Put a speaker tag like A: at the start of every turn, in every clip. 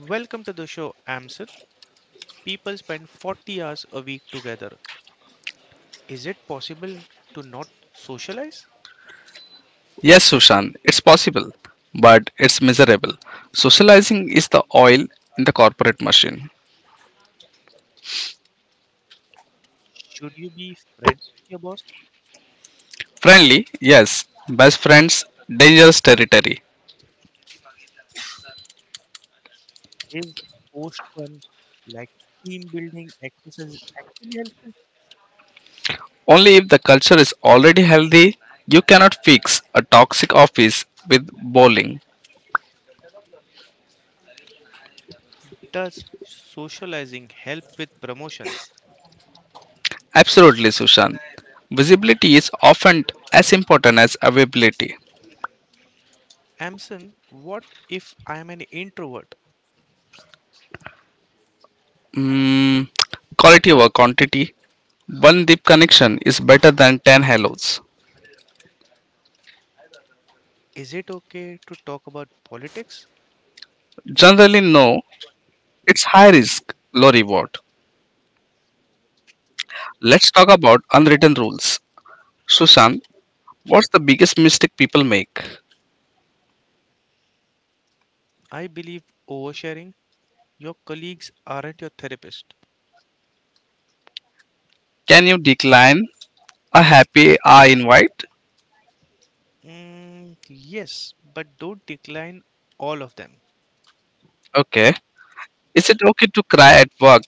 A: Welcome to the show, Amsel. People spend 40 hours a week together. Is it possible to not socialize?
B: Yes, Sushan, it's possible, but it's miserable. Socializing is the oil in the corporate machine.
A: Should you be friends with your boss?
B: Friendly, yes. Best friends, dangerous territory.
A: Is post fun like team building exercise actually helpful?
B: Only if the culture is already healthy, you cannot fix a toxic office with bowling.
A: Does socializing help with promotions?
B: Absolutely, Sushant. Visibility is often as important as availability.
A: Amson, what if I am an introvert?
B: Mm, Quality over quantity. One deep connection is better than 10 hellos.
A: Is it okay to talk about politics?
B: Generally, no, it's high risk, low reward. Let's talk about unwritten rules. Susan, what's the biggest mistake people make?
A: I believe oversharing. Your colleagues aren't your therapist.
B: Can you decline a happy hour invite?
A: Mm, yes, but don't decline all of them.
B: Okay. Is it okay to cry at work?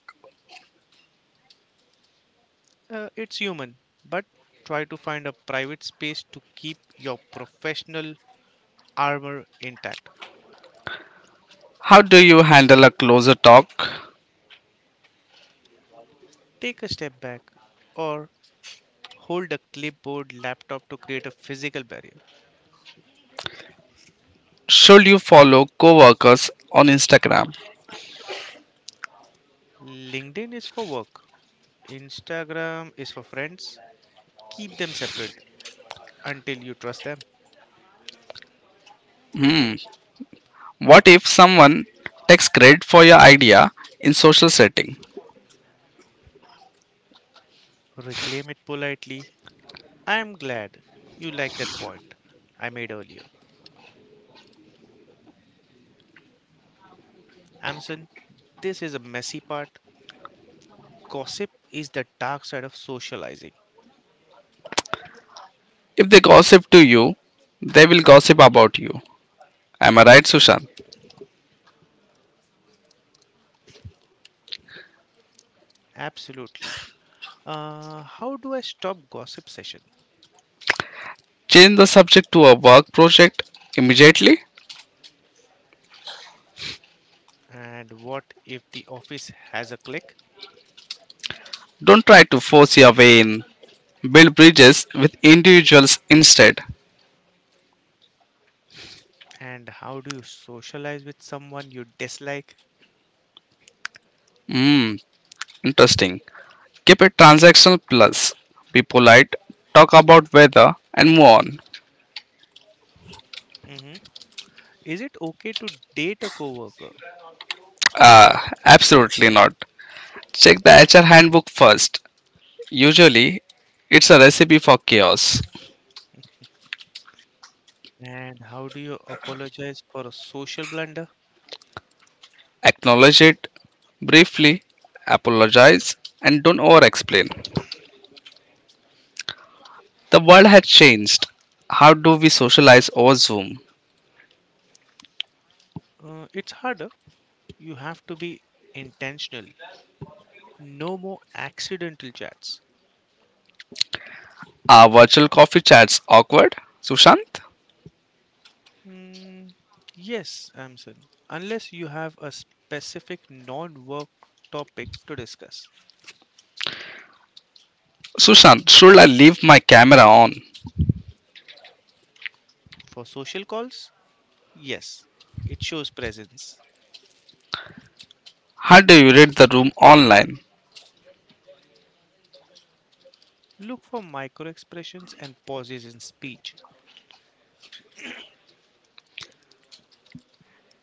A: It's human, but try to find a private space to keep your professional armor intact.
B: How do you handle a closer talk?
A: Take a step back or hold a clipboard laptop to create a physical barrier.
B: Should you follow coworkers on Instagram?
A: LinkedIn is for work, Instagram is for friends. Keep them separate until you trust them.
B: Hmm. What if someone takes credit for your idea in social setting?
A: Reclaim it politely. I am glad you liked that point I made earlier. Amson, this is a messy part. Gossip is the dark side of socializing.
B: If they gossip to you, they will gossip about you. Am I right, Sushant?
A: Absolutely. How do I stop gossip session?
B: Change the subject to a work project immediately.
A: And what if the office has a clique?
B: Don't try to force your way in. Build bridges with individuals instead.
A: And how do you socialize with someone you dislike?
B: Hmm, interesting. Keep it transactional plus. Be polite, talk about weather, and move on.
A: Mhm. Is it okay to date a coworker?
B: Ah, absolutely not. Check the HR handbook first. Usually, it's a recipe for chaos.
A: And how do you apologize for a social blunder?
B: Acknowledge it briefly, apologize, and don't over explain. The world has changed. How do we socialize over Zoom?
A: It's harder. You have to be intentional. No more accidental chats.
B: Are virtual coffee chats awkward? Sushant?
A: Mm, yes, Amson. Unless you have a specific non-work topic to discuss.
B: Sushant, should I leave my camera on?
A: For social calls, yes, it shows presence.
B: How do you read the room online?
A: Look for micro expressions and pauses in speech.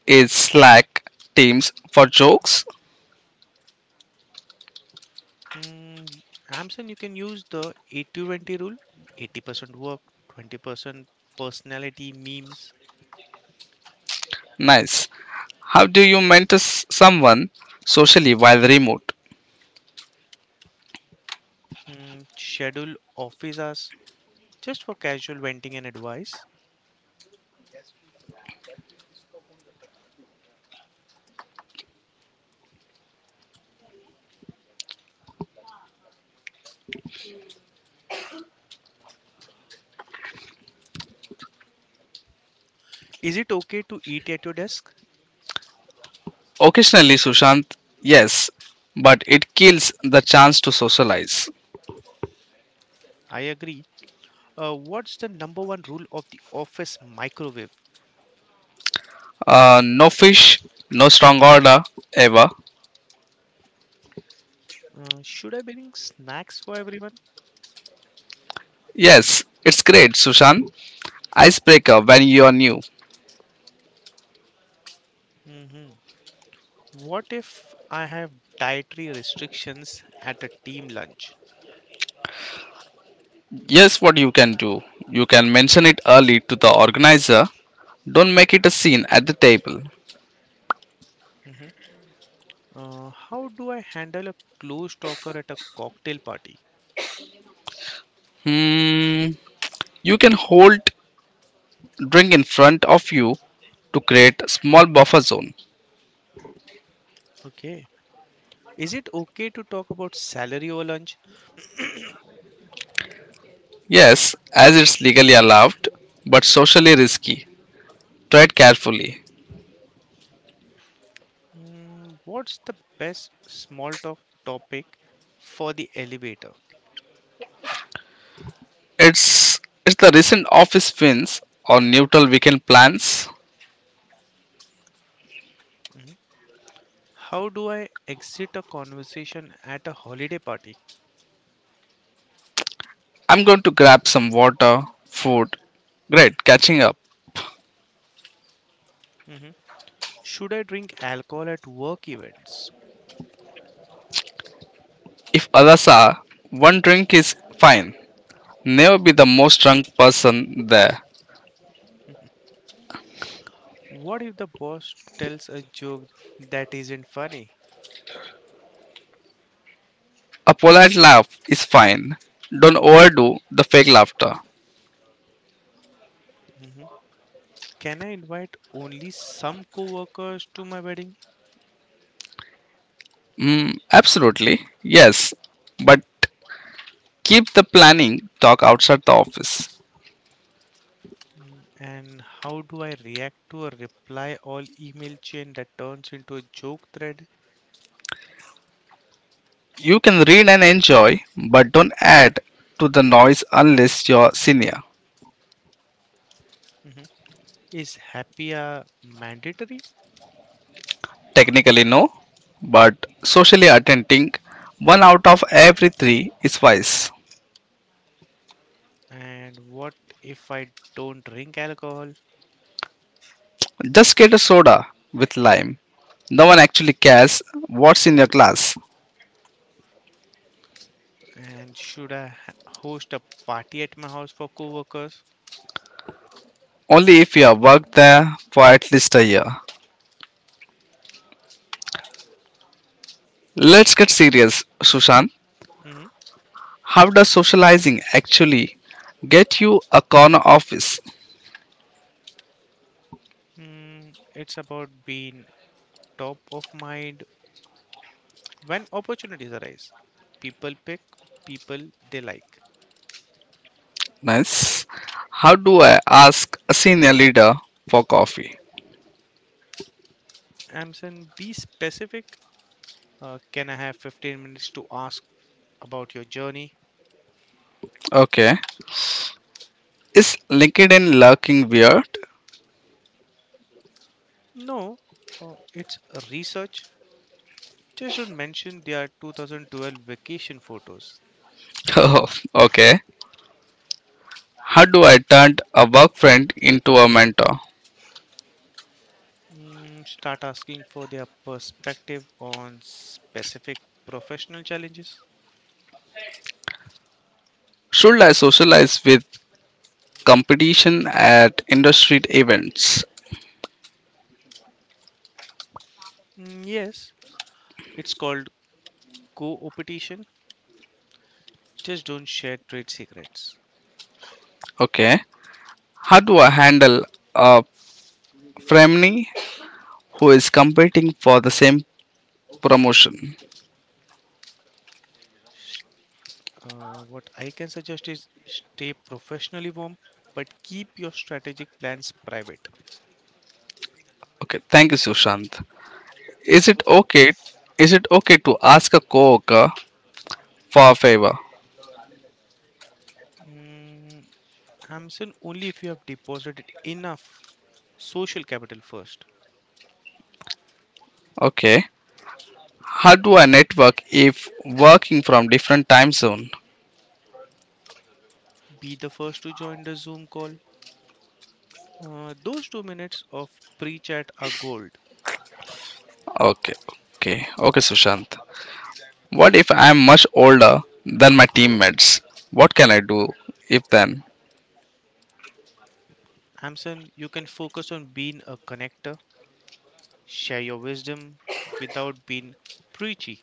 B: Is Slack Teams for jokes?
A: Mm, Amson, you can use the 80-20 rule. 80% work, 20% personality, memes,
B: Nice. How do you mentor someone socially while remote?
A: schedule office hours, just for casual venting and advice. Is it okay to eat at your desk?
B: Occasionally, Sushant, yes, but it kills the chance to socialize.
A: I agree. What's the number one rule of the office microwave?
B: No fish, no strong order, ever.
A: Should I bring snacks for everyone?
B: Yes, it's great, Sushant. Icebreaker when you are new.
A: Hmm. What if I have dietary restrictions at a team lunch?
B: Yes, what you can do. You can mention it early to the organizer. Don't make it a scene at the table.
A: Hmm. How do I handle a close talker at a cocktail party?
B: Hmm. You can hold drink in front of you to create a small buffer zone.
A: Okay. Is it okay to talk about salary over lunch?
B: Yes, as it's legally allowed, but socially risky. Tread carefully.
A: What's the best small talk topic for the elevator?
B: It's the recent office wins or neutral weekend plans.
A: Mhm. How do I exit a conversation at a holiday party?
B: I'm going to grab some water, food. Great, catching up.
A: Mhm. Should I drink alcohol at work events?
B: If others are, one drink is fine. Never be the most drunk person there.
A: What if the boss tells a joke that isn't funny?
B: A polite laugh is fine. Don't overdo the fake laughter.
A: Mhm. Can I invite only some coworkers to my wedding?
B: Mm, absolutely, yes. But keep the planning talk outside the office.
A: Mm, And how do I react to a reply all email chain that turns into a joke thread?
B: You can read and enjoy, but don't add to the noise unless you're senior.
A: Mhm. Is happy hour mandatory?
B: Technically, no, but socially attending, one out of every three is wise.
A: And what if I don't drink alcohol?
B: Just get a soda with lime. No one actually cares what's in your glass.
A: And host a party at my house for coworkers?
B: Only if you have worked there for at least a year. Let's get serious, Sushant.
A: Mhm.
B: How does socializing actually get you a corner office?
A: Mm, it's about being top of mind when opportunities arise. People pick people they like.
B: Nice. How do I ask a senior leader for coffee?
A: Amson, be specific. Can I have 15 minutes to ask about your journey?
B: Okay. Is LinkedIn lurking weird?
A: No, it's research. Just don't mention their 2012 vacation photos.
B: Oh, okay. How do I turn a work friend into a mentor?
A: Start asking for their perspective on specific professional challenges.
B: Should I socialize with competition at industry events?
A: Mm, yes, it's called co-opetition. Just don't share trade secrets.
B: Okay. How do I handle a frenemy who is competing for the same promotion?
A: What I can suggest is stay professionally warm, but keep your strategic plans private.
B: Okay, thank you, Sushant. Is it
A: Welcome.
B: okay? Is it okay to ask a coworker for a favor?
A: Mm, I'm saying only if you have deposited enough social capital first.
B: Okay. How do I network if working from different time zone?
A: Be the first to join the Zoom call. Those 2 minutes of pre chat are gold.
B: Okay, okay, okay, Sushant. What if I am much older than my teammates? What can I do if then?
A: I You can focus on being a connector, share your wisdom without being preachy.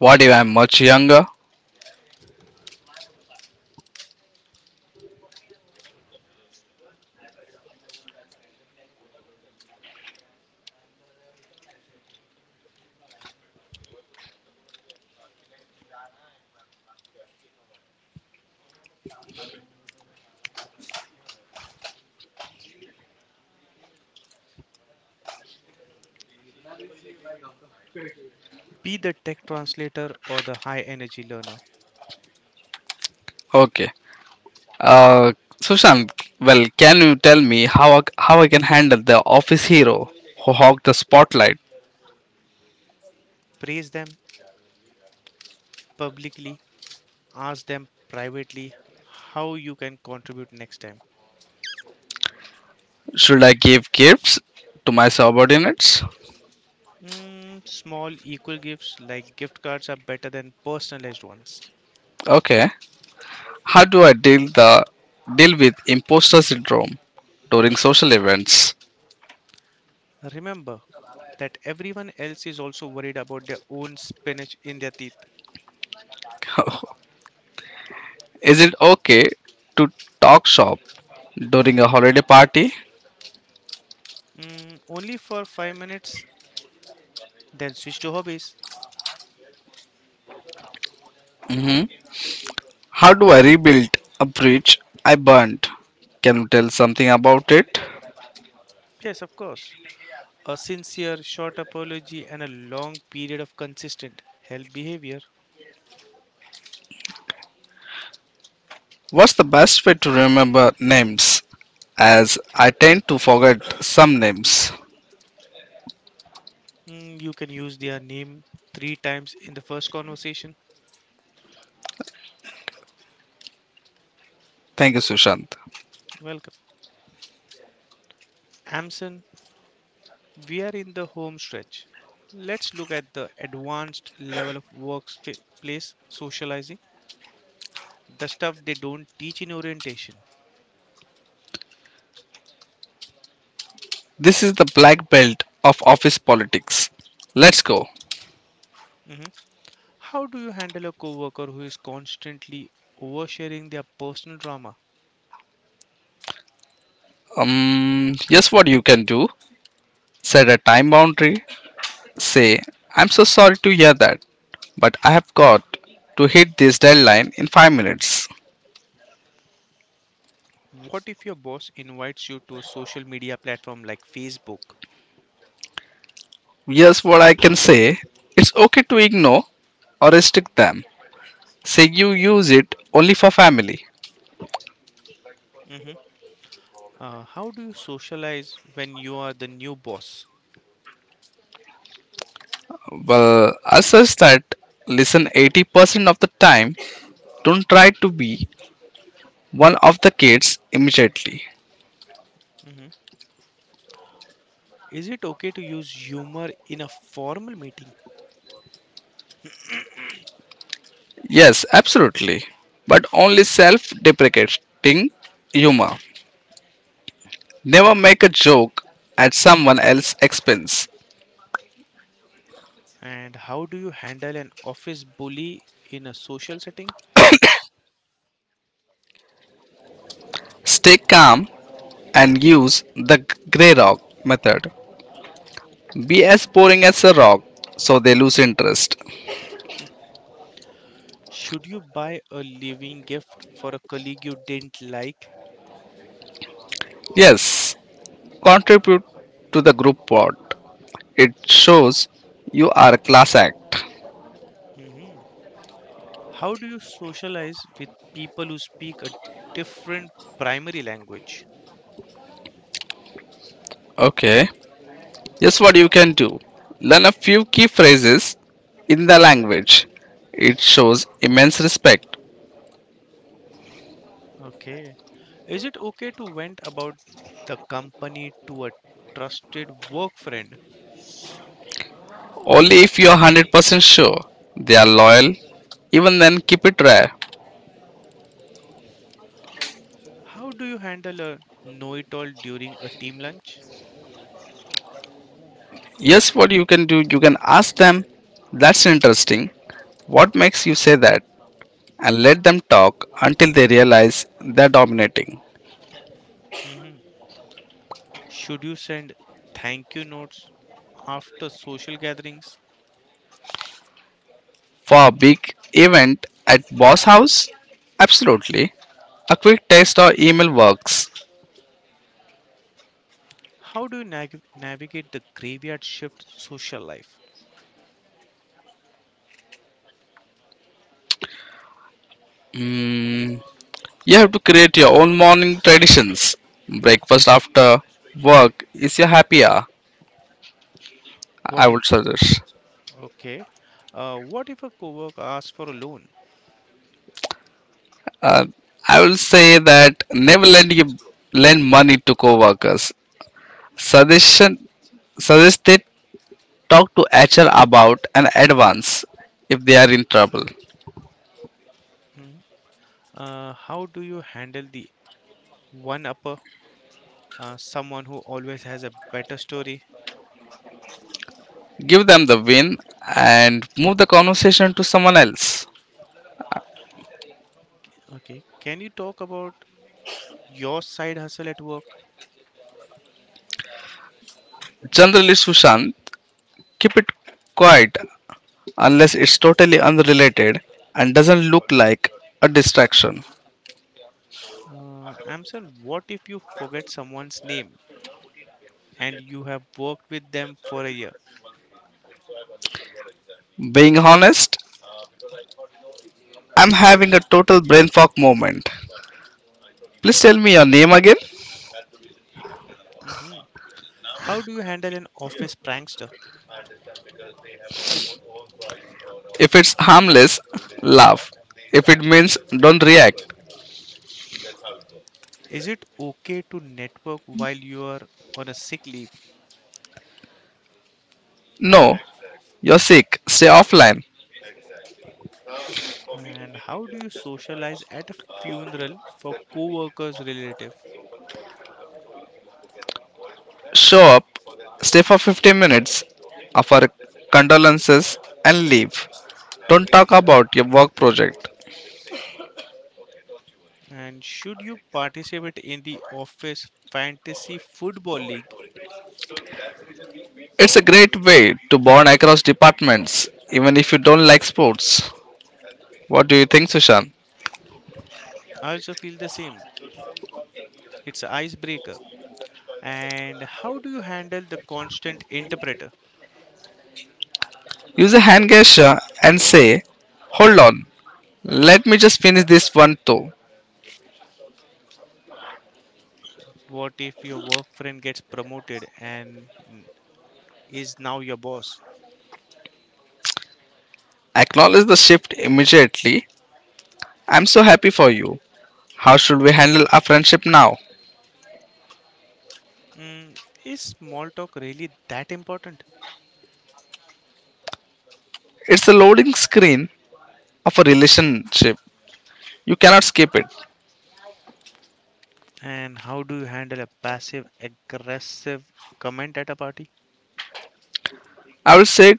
B: What if I am much younger?
A: Be the tech translator or the high energy learner.
B: Okay. Uh, Sushant, well, can you tell me how I can handle the office hero who hog the spotlight?
A: Praise them publicly ask them privately how you can contribute next time.
B: Should I give gifts to my subordinates?
A: Small equal gifts like gift cards are better than personalized ones.
B: Okay. How do I deal with imposter syndrome during social events?
A: Remember that everyone else is also worried about their own spinach in their teeth.
B: Is it okay to talk shop during a holiday party?
A: Only for 5 minutes, then switch to hobbies.
B: Hmm. How do I rebuild a bridge I burned? Can you tell something about it?
A: Yes, of course. A sincere, short apology and a long period of consistent help behavior.
B: What's the best way to remember names? As I tend to forget some names.
A: You can use their name three times in the first conversation.
B: Thank you, Sushant.
A: Welcome. Amson, we are in the home stretch. Let's look at the advanced level of workplace socializing, the stuff they don't teach in orientation.
B: This is the black belt of office politics. Let's go.
A: Mhm. How do you handle a coworker who is constantly oversharing their personal drama?
B: Here's what you can do set a time boundary. Say, I'm so sorry to hear that, but I have got to hit this deadline in 5 minutes.
A: What if your boss invites you to a social media platform like Facebook?
B: Here's what I can say it's okay to ignore or restrict them. Say you use it only for family.
A: Mhm. How do you socialize when you are the new boss?
B: Well, I suggest that listen 80% of the time, don't try to be one of the kids immediately.
A: Mhm. Is it okay to use humor in a formal meeting?
B: Yes, absolutely, but only self deprecating humor. Never make a joke at someone else's expense.
A: And how do you handle an office bully in a social setting?
B: Stay calm and use the grey rock method. Be as boring as a rock so they lose interest.
A: Should you buy a living gift for a colleague you didn't like?
B: Yes, contribute to the group pot. It shows you are a class act.
A: Mhm. How do you socialize with people who speak a different primary language?
B: Okay, here's what you can do learn a few key phrases in the language. It shows immense respect.
A: Okay. Is it okay to vent about the company to a trusted work friend?
B: Only if you are 100% sure they are loyal, even then keep it rare.
A: How do you handle a know it all during a team lunch?
B: Yes, what you can do, you can ask them, that's interesting. What makes you say that? And let them talk until they realize they're dominating.
A: Mhm. Should you send thank you notes after social gatherings?
B: For a big event at boss house? Absolutely. A quick text or email works.
A: How do you navigate the graveyard shift social life?
B: Mm, you have to create your own morning traditions. Breakfast after work is your happy hour, I
A: What if
B: would suggest.
A: okay? What if a coworker asks for a loan?
B: Uh, I will say that never lend, you, lend money to co workers. Suggestion Suggest they talk to HR about an advance if they are in trouble.
A: Mhm. How do you handle the one upper, someone who always has a better story?
B: Give them the win and move the conversation to someone else.
A: Okay, can you talk about your side hustle at work?
B: Generally, Sushant, keep it quiet unless it's totally unrelated and doesn't look like a distraction.
A: Amson, what if you forget someone's name and you have worked with them for a year?
B: Being honest, I'm having a total brain fog moment. Please tell me your name again.
A: Hmm. How do you handle an office prankster?
B: If it's harmless, laugh. If it means don't react.
A: Is it okay to network while you are on a sick leave?
B: No, you're sick. Stay offline.
A: And how do you socialize at a funeral for co-workers relative?
B: Show up, stay for 15 minutes, offer condolences, and leave. Don't talk about your work project.
A: And should you participate in the office fantasy football league?
B: It's a great way to bond across departments, even if you don't like sports. What do you think, Sushant?
A: I also feel the same. It's an icebreaker. And how do you handle the constant interpreter?
B: Use a hand gesture and say, hold on, let me just finish this one too.
A: What if your work friend gets promoted and is now your boss?
B: Acknowledge the shift immediately. I'm so happy for you. How should we handle our friendship now?
A: Mm, is small talk really that important?
B: It's the loading screen of a relationship. You cannot skip it.
A: And how do you handle a passive aggressive comment at a party?
B: I will say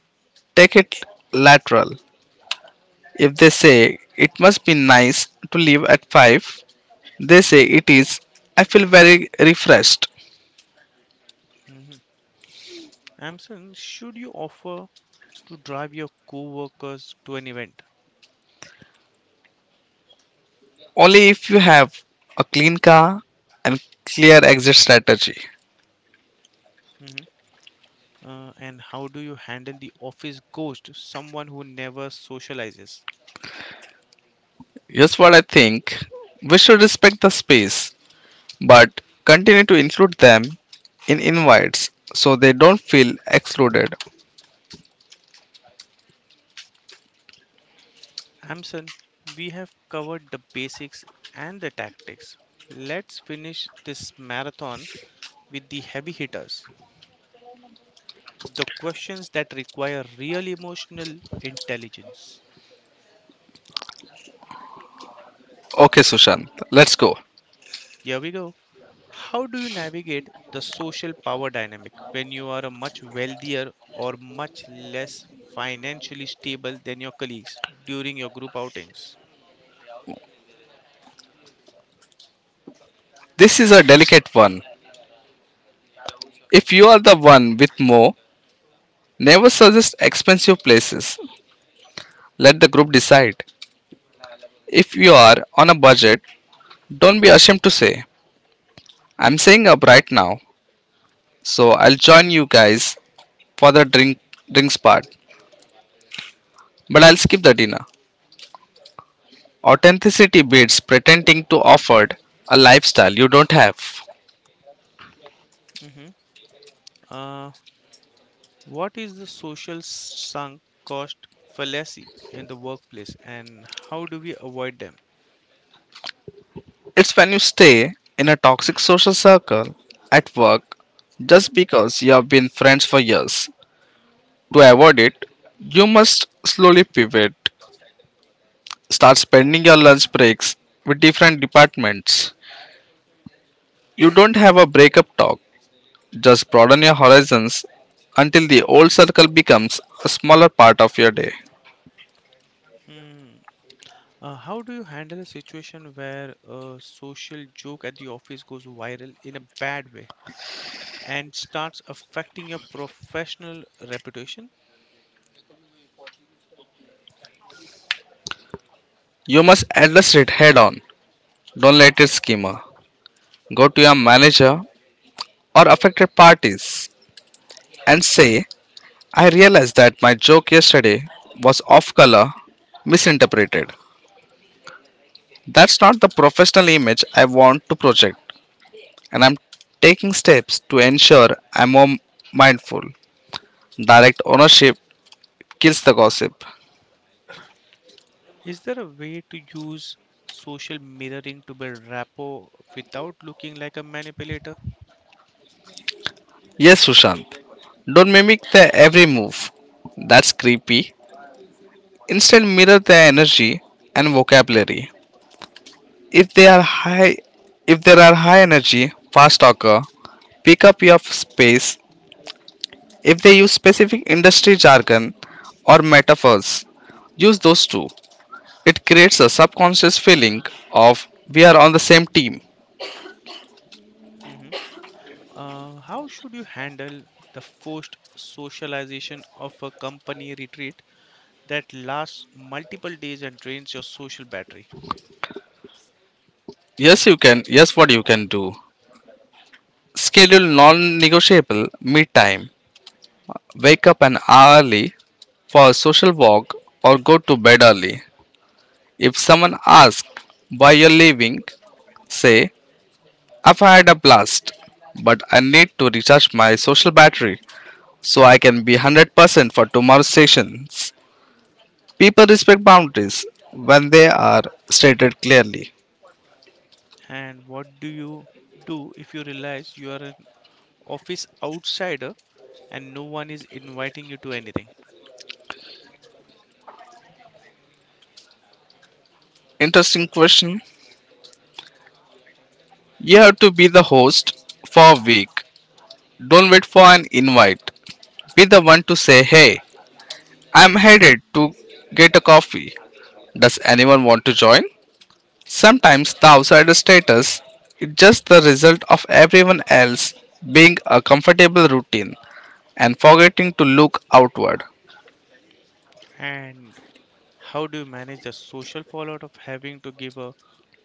B: take it lateral. If they say it must be nice to leave at 5, they say it is. I feel very refreshed.
A: Mhm. Amson, should you offer to drive your co-workers to an event?
B: Only if you have a clean car and clear exit strategy.
A: Hmm. And how do you handle the office ghost, someone who never socializes?
B: Here's what I think we should respect the space but continue to include them in invites so they don't feel excluded.
A: Amson, we have covered the basics and the tactics. Let's finish this marathon with the heavy hitters, the questions that require real emotional intelligence.
B: Okay, Sushant, let's go.
A: Here we go. How do you navigate the social power dynamic when you are a much wealthier or much less financially stable than your colleagues during your group outings?
B: This is a delicate one. If you are the one with more, never suggest expensive places. Let the group decide. If you are on a budget, don't be ashamed to say, I'm saving up right now, so I'll join you guys for the drinks part, but I'll skip the dinner. Authenticity beats pretending to offer a lifestyle you don't have.
A: Hmm. Uh, what is the social sunk cost fallacy in the workplace and how do we avoid them?
B: It's when you stay in a toxic social circle at work just because you have been friends for years. To avoid it, you must slowly pivot start spending your lunch breaks with different departments. You don't have a breakup talk, just broaden your horizons until the old circle becomes a smaller part of your day.
A: Hmm. How do you handle a situation where a social joke at the office goes viral in a bad way and starts affecting your professional reputation?
B: You must address it head on, don't let it skimmer. Go to your manager or affected parties and say, I realized that my joke yesterday was off color, misinterpreted. That's not the professional image I want to project, and I'm taking steps to ensure I'm more mindful. Direct ownership kills the gossip.
A: Is there a way to use social mirroring to build rapport without looking like a manipulator?
B: Yes, Sushant. Don't mimic their every move. That's creepy. Instead, mirror their energy and vocabulary. If they are high, if there are high energy, fast talker, pick up your space. If they use specific industry jargon or metaphors, use those too. It creates a subconscious feeling of we are on the same team.
A: Hmm. How should you handle the forced socialization of a company retreat that lasts multiple days and drains your social battery?
B: Yes, what you can do. Schedule non negotiable meet time. Wake up an hour early for a social walk or go to bed early. If someone asks why you're leaving, say, I've had a blast, but I need to recharge my social battery so I can be 100% for tomorrow's sessions. People respect boundaries when they are stated clearly.
A: And what do you do if you realize you are an office outsider and no one is inviting you to anything?
B: Interesting question. You have to be the host for a week. Don't wait for an invite. Be the one to say, hey, I'm headed to get a coffee. Does anyone want to join? Sometimes the outsider status is just the result of everyone else being a comfortable routine and forgetting to look outward.
A: And how do you manage the social fallout of having to give a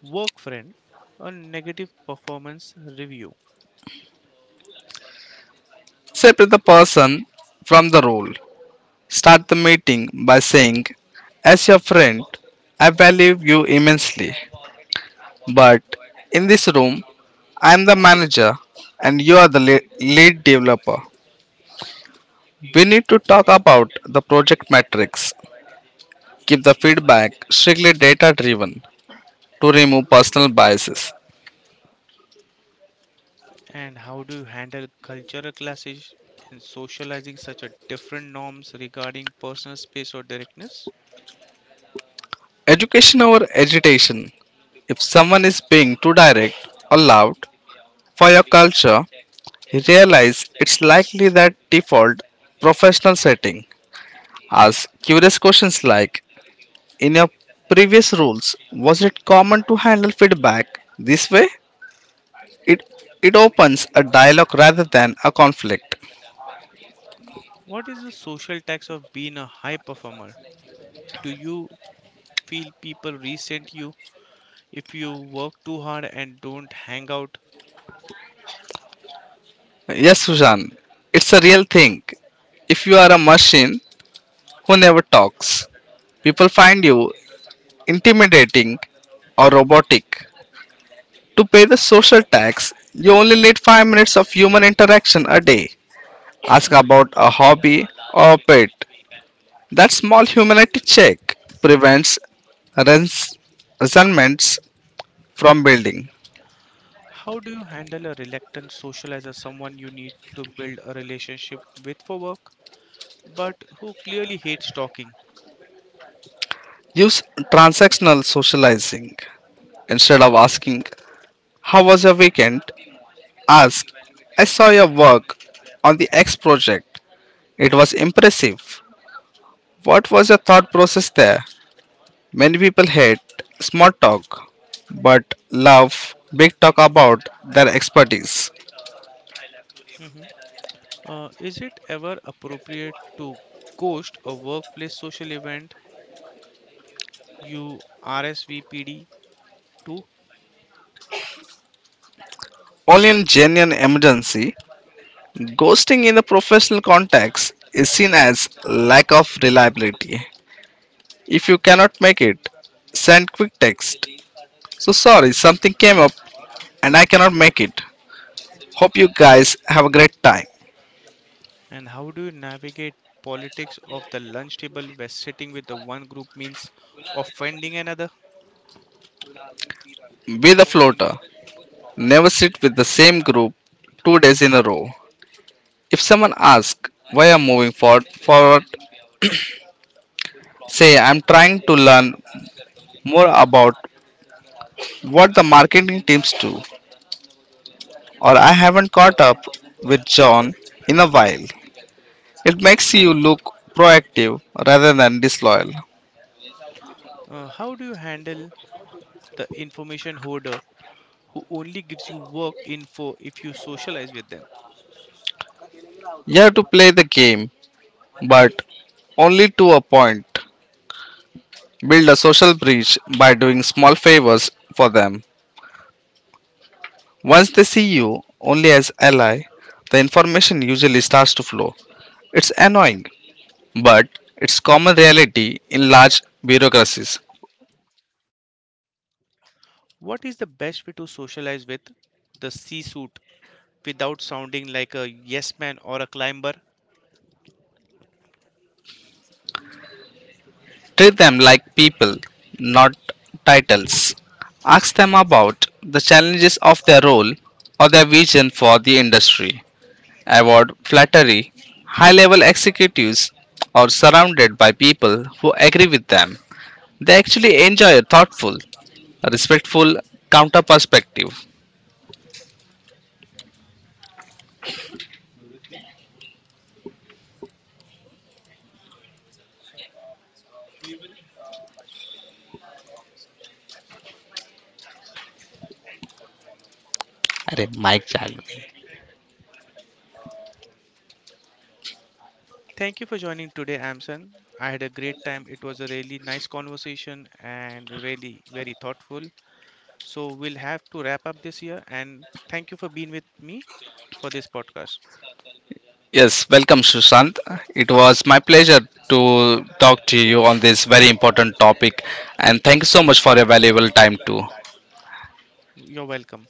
A: work friend a negative performance review?
B: Separate the person from the role. Start the meeting by saying, as your friend, I value you immensely, but in this room, I am the manager and you are the lead developer. We need to talk about the project metrics. Keep the feedback strictly data driven to remove personal biases.
A: And how do you handle cultural clashes in socializing such a different norms regarding personal space or directness?
B: Education over agitation. If someone is being too direct or loud for your culture, realize it's likely that default professional setting. Ask curious questions like in your previous roles, was it common to handle feedback this way? It it opens a dialogue rather than a conflict.
A: What is the social tax of being a high performer? Do you feel people resent you if you work too hard and don't hang out?
B: Yes, Sujan, it's a real thing. If you are a machine who never talks, people find you intimidating, or robotic. To pay the social tax, you only need 5 minutes of human interaction a day. Ask about a hobby or a pet. That small humanity check prevents rents- resentments from building.
A: How do you handle a reluctant socializer, someone you need to build a relationship with for work? But who clearly hates talking.
B: Use transactional socializing. Instead of asking, how was your weekend? Ask, I saw your work on the X project. It was impressive. What was your thought process there? Many people hate small talk but love big talk about their expertise.
A: Hmm. Is it ever appropriate to ghost a workplace social event you RSVP'd to?
B: Only in genuine emergency, ghosting in a professional context is seen as lack of reliability. If you cannot make it, send quick text. So sorry, something came up and I cannot make it. Hope you guys have a great time.
A: And how do you navigate politics of the lunch table where sitting with the one group means offending another?
B: Be the floater. Never sit with the same group 2 days in a row. If someone asks why I'm forward say, I'm trying to learn more about what the marketing teams do, or I haven't caught up with John in a while. It makes you look proactive rather than disloyal.
A: How do you handle the information hoarder who only gives you work info if you socialize with them?
B: You have to play the game, but only to a point. Build a social bridge by doing small favors for them. Once they see you only as ally, the information usually starts to flow. It's annoying, but it's common reality in large bureaucracies.
A: What is the best way to socialize with the C suit without sounding like a yes man or a climber?
B: Treat them like people, not titles. Ask them about the challenges of their role or their vision for the industry. Avoid flattery. High level executives are surrounded by people who agree with them. They actually enjoy a thoughtful, respectful counter perspective.
A: Thank you for joining today, Amson. I had a great time. It was a really nice conversation and really very thoughtful. So we'll have to wrap up this year and thank you for being with me for this podcast.
B: Yes, welcome, Sushant. It was my pleasure to talk to you on this very important topic, and thank you so much for your valuable time, too.
A: You're welcome.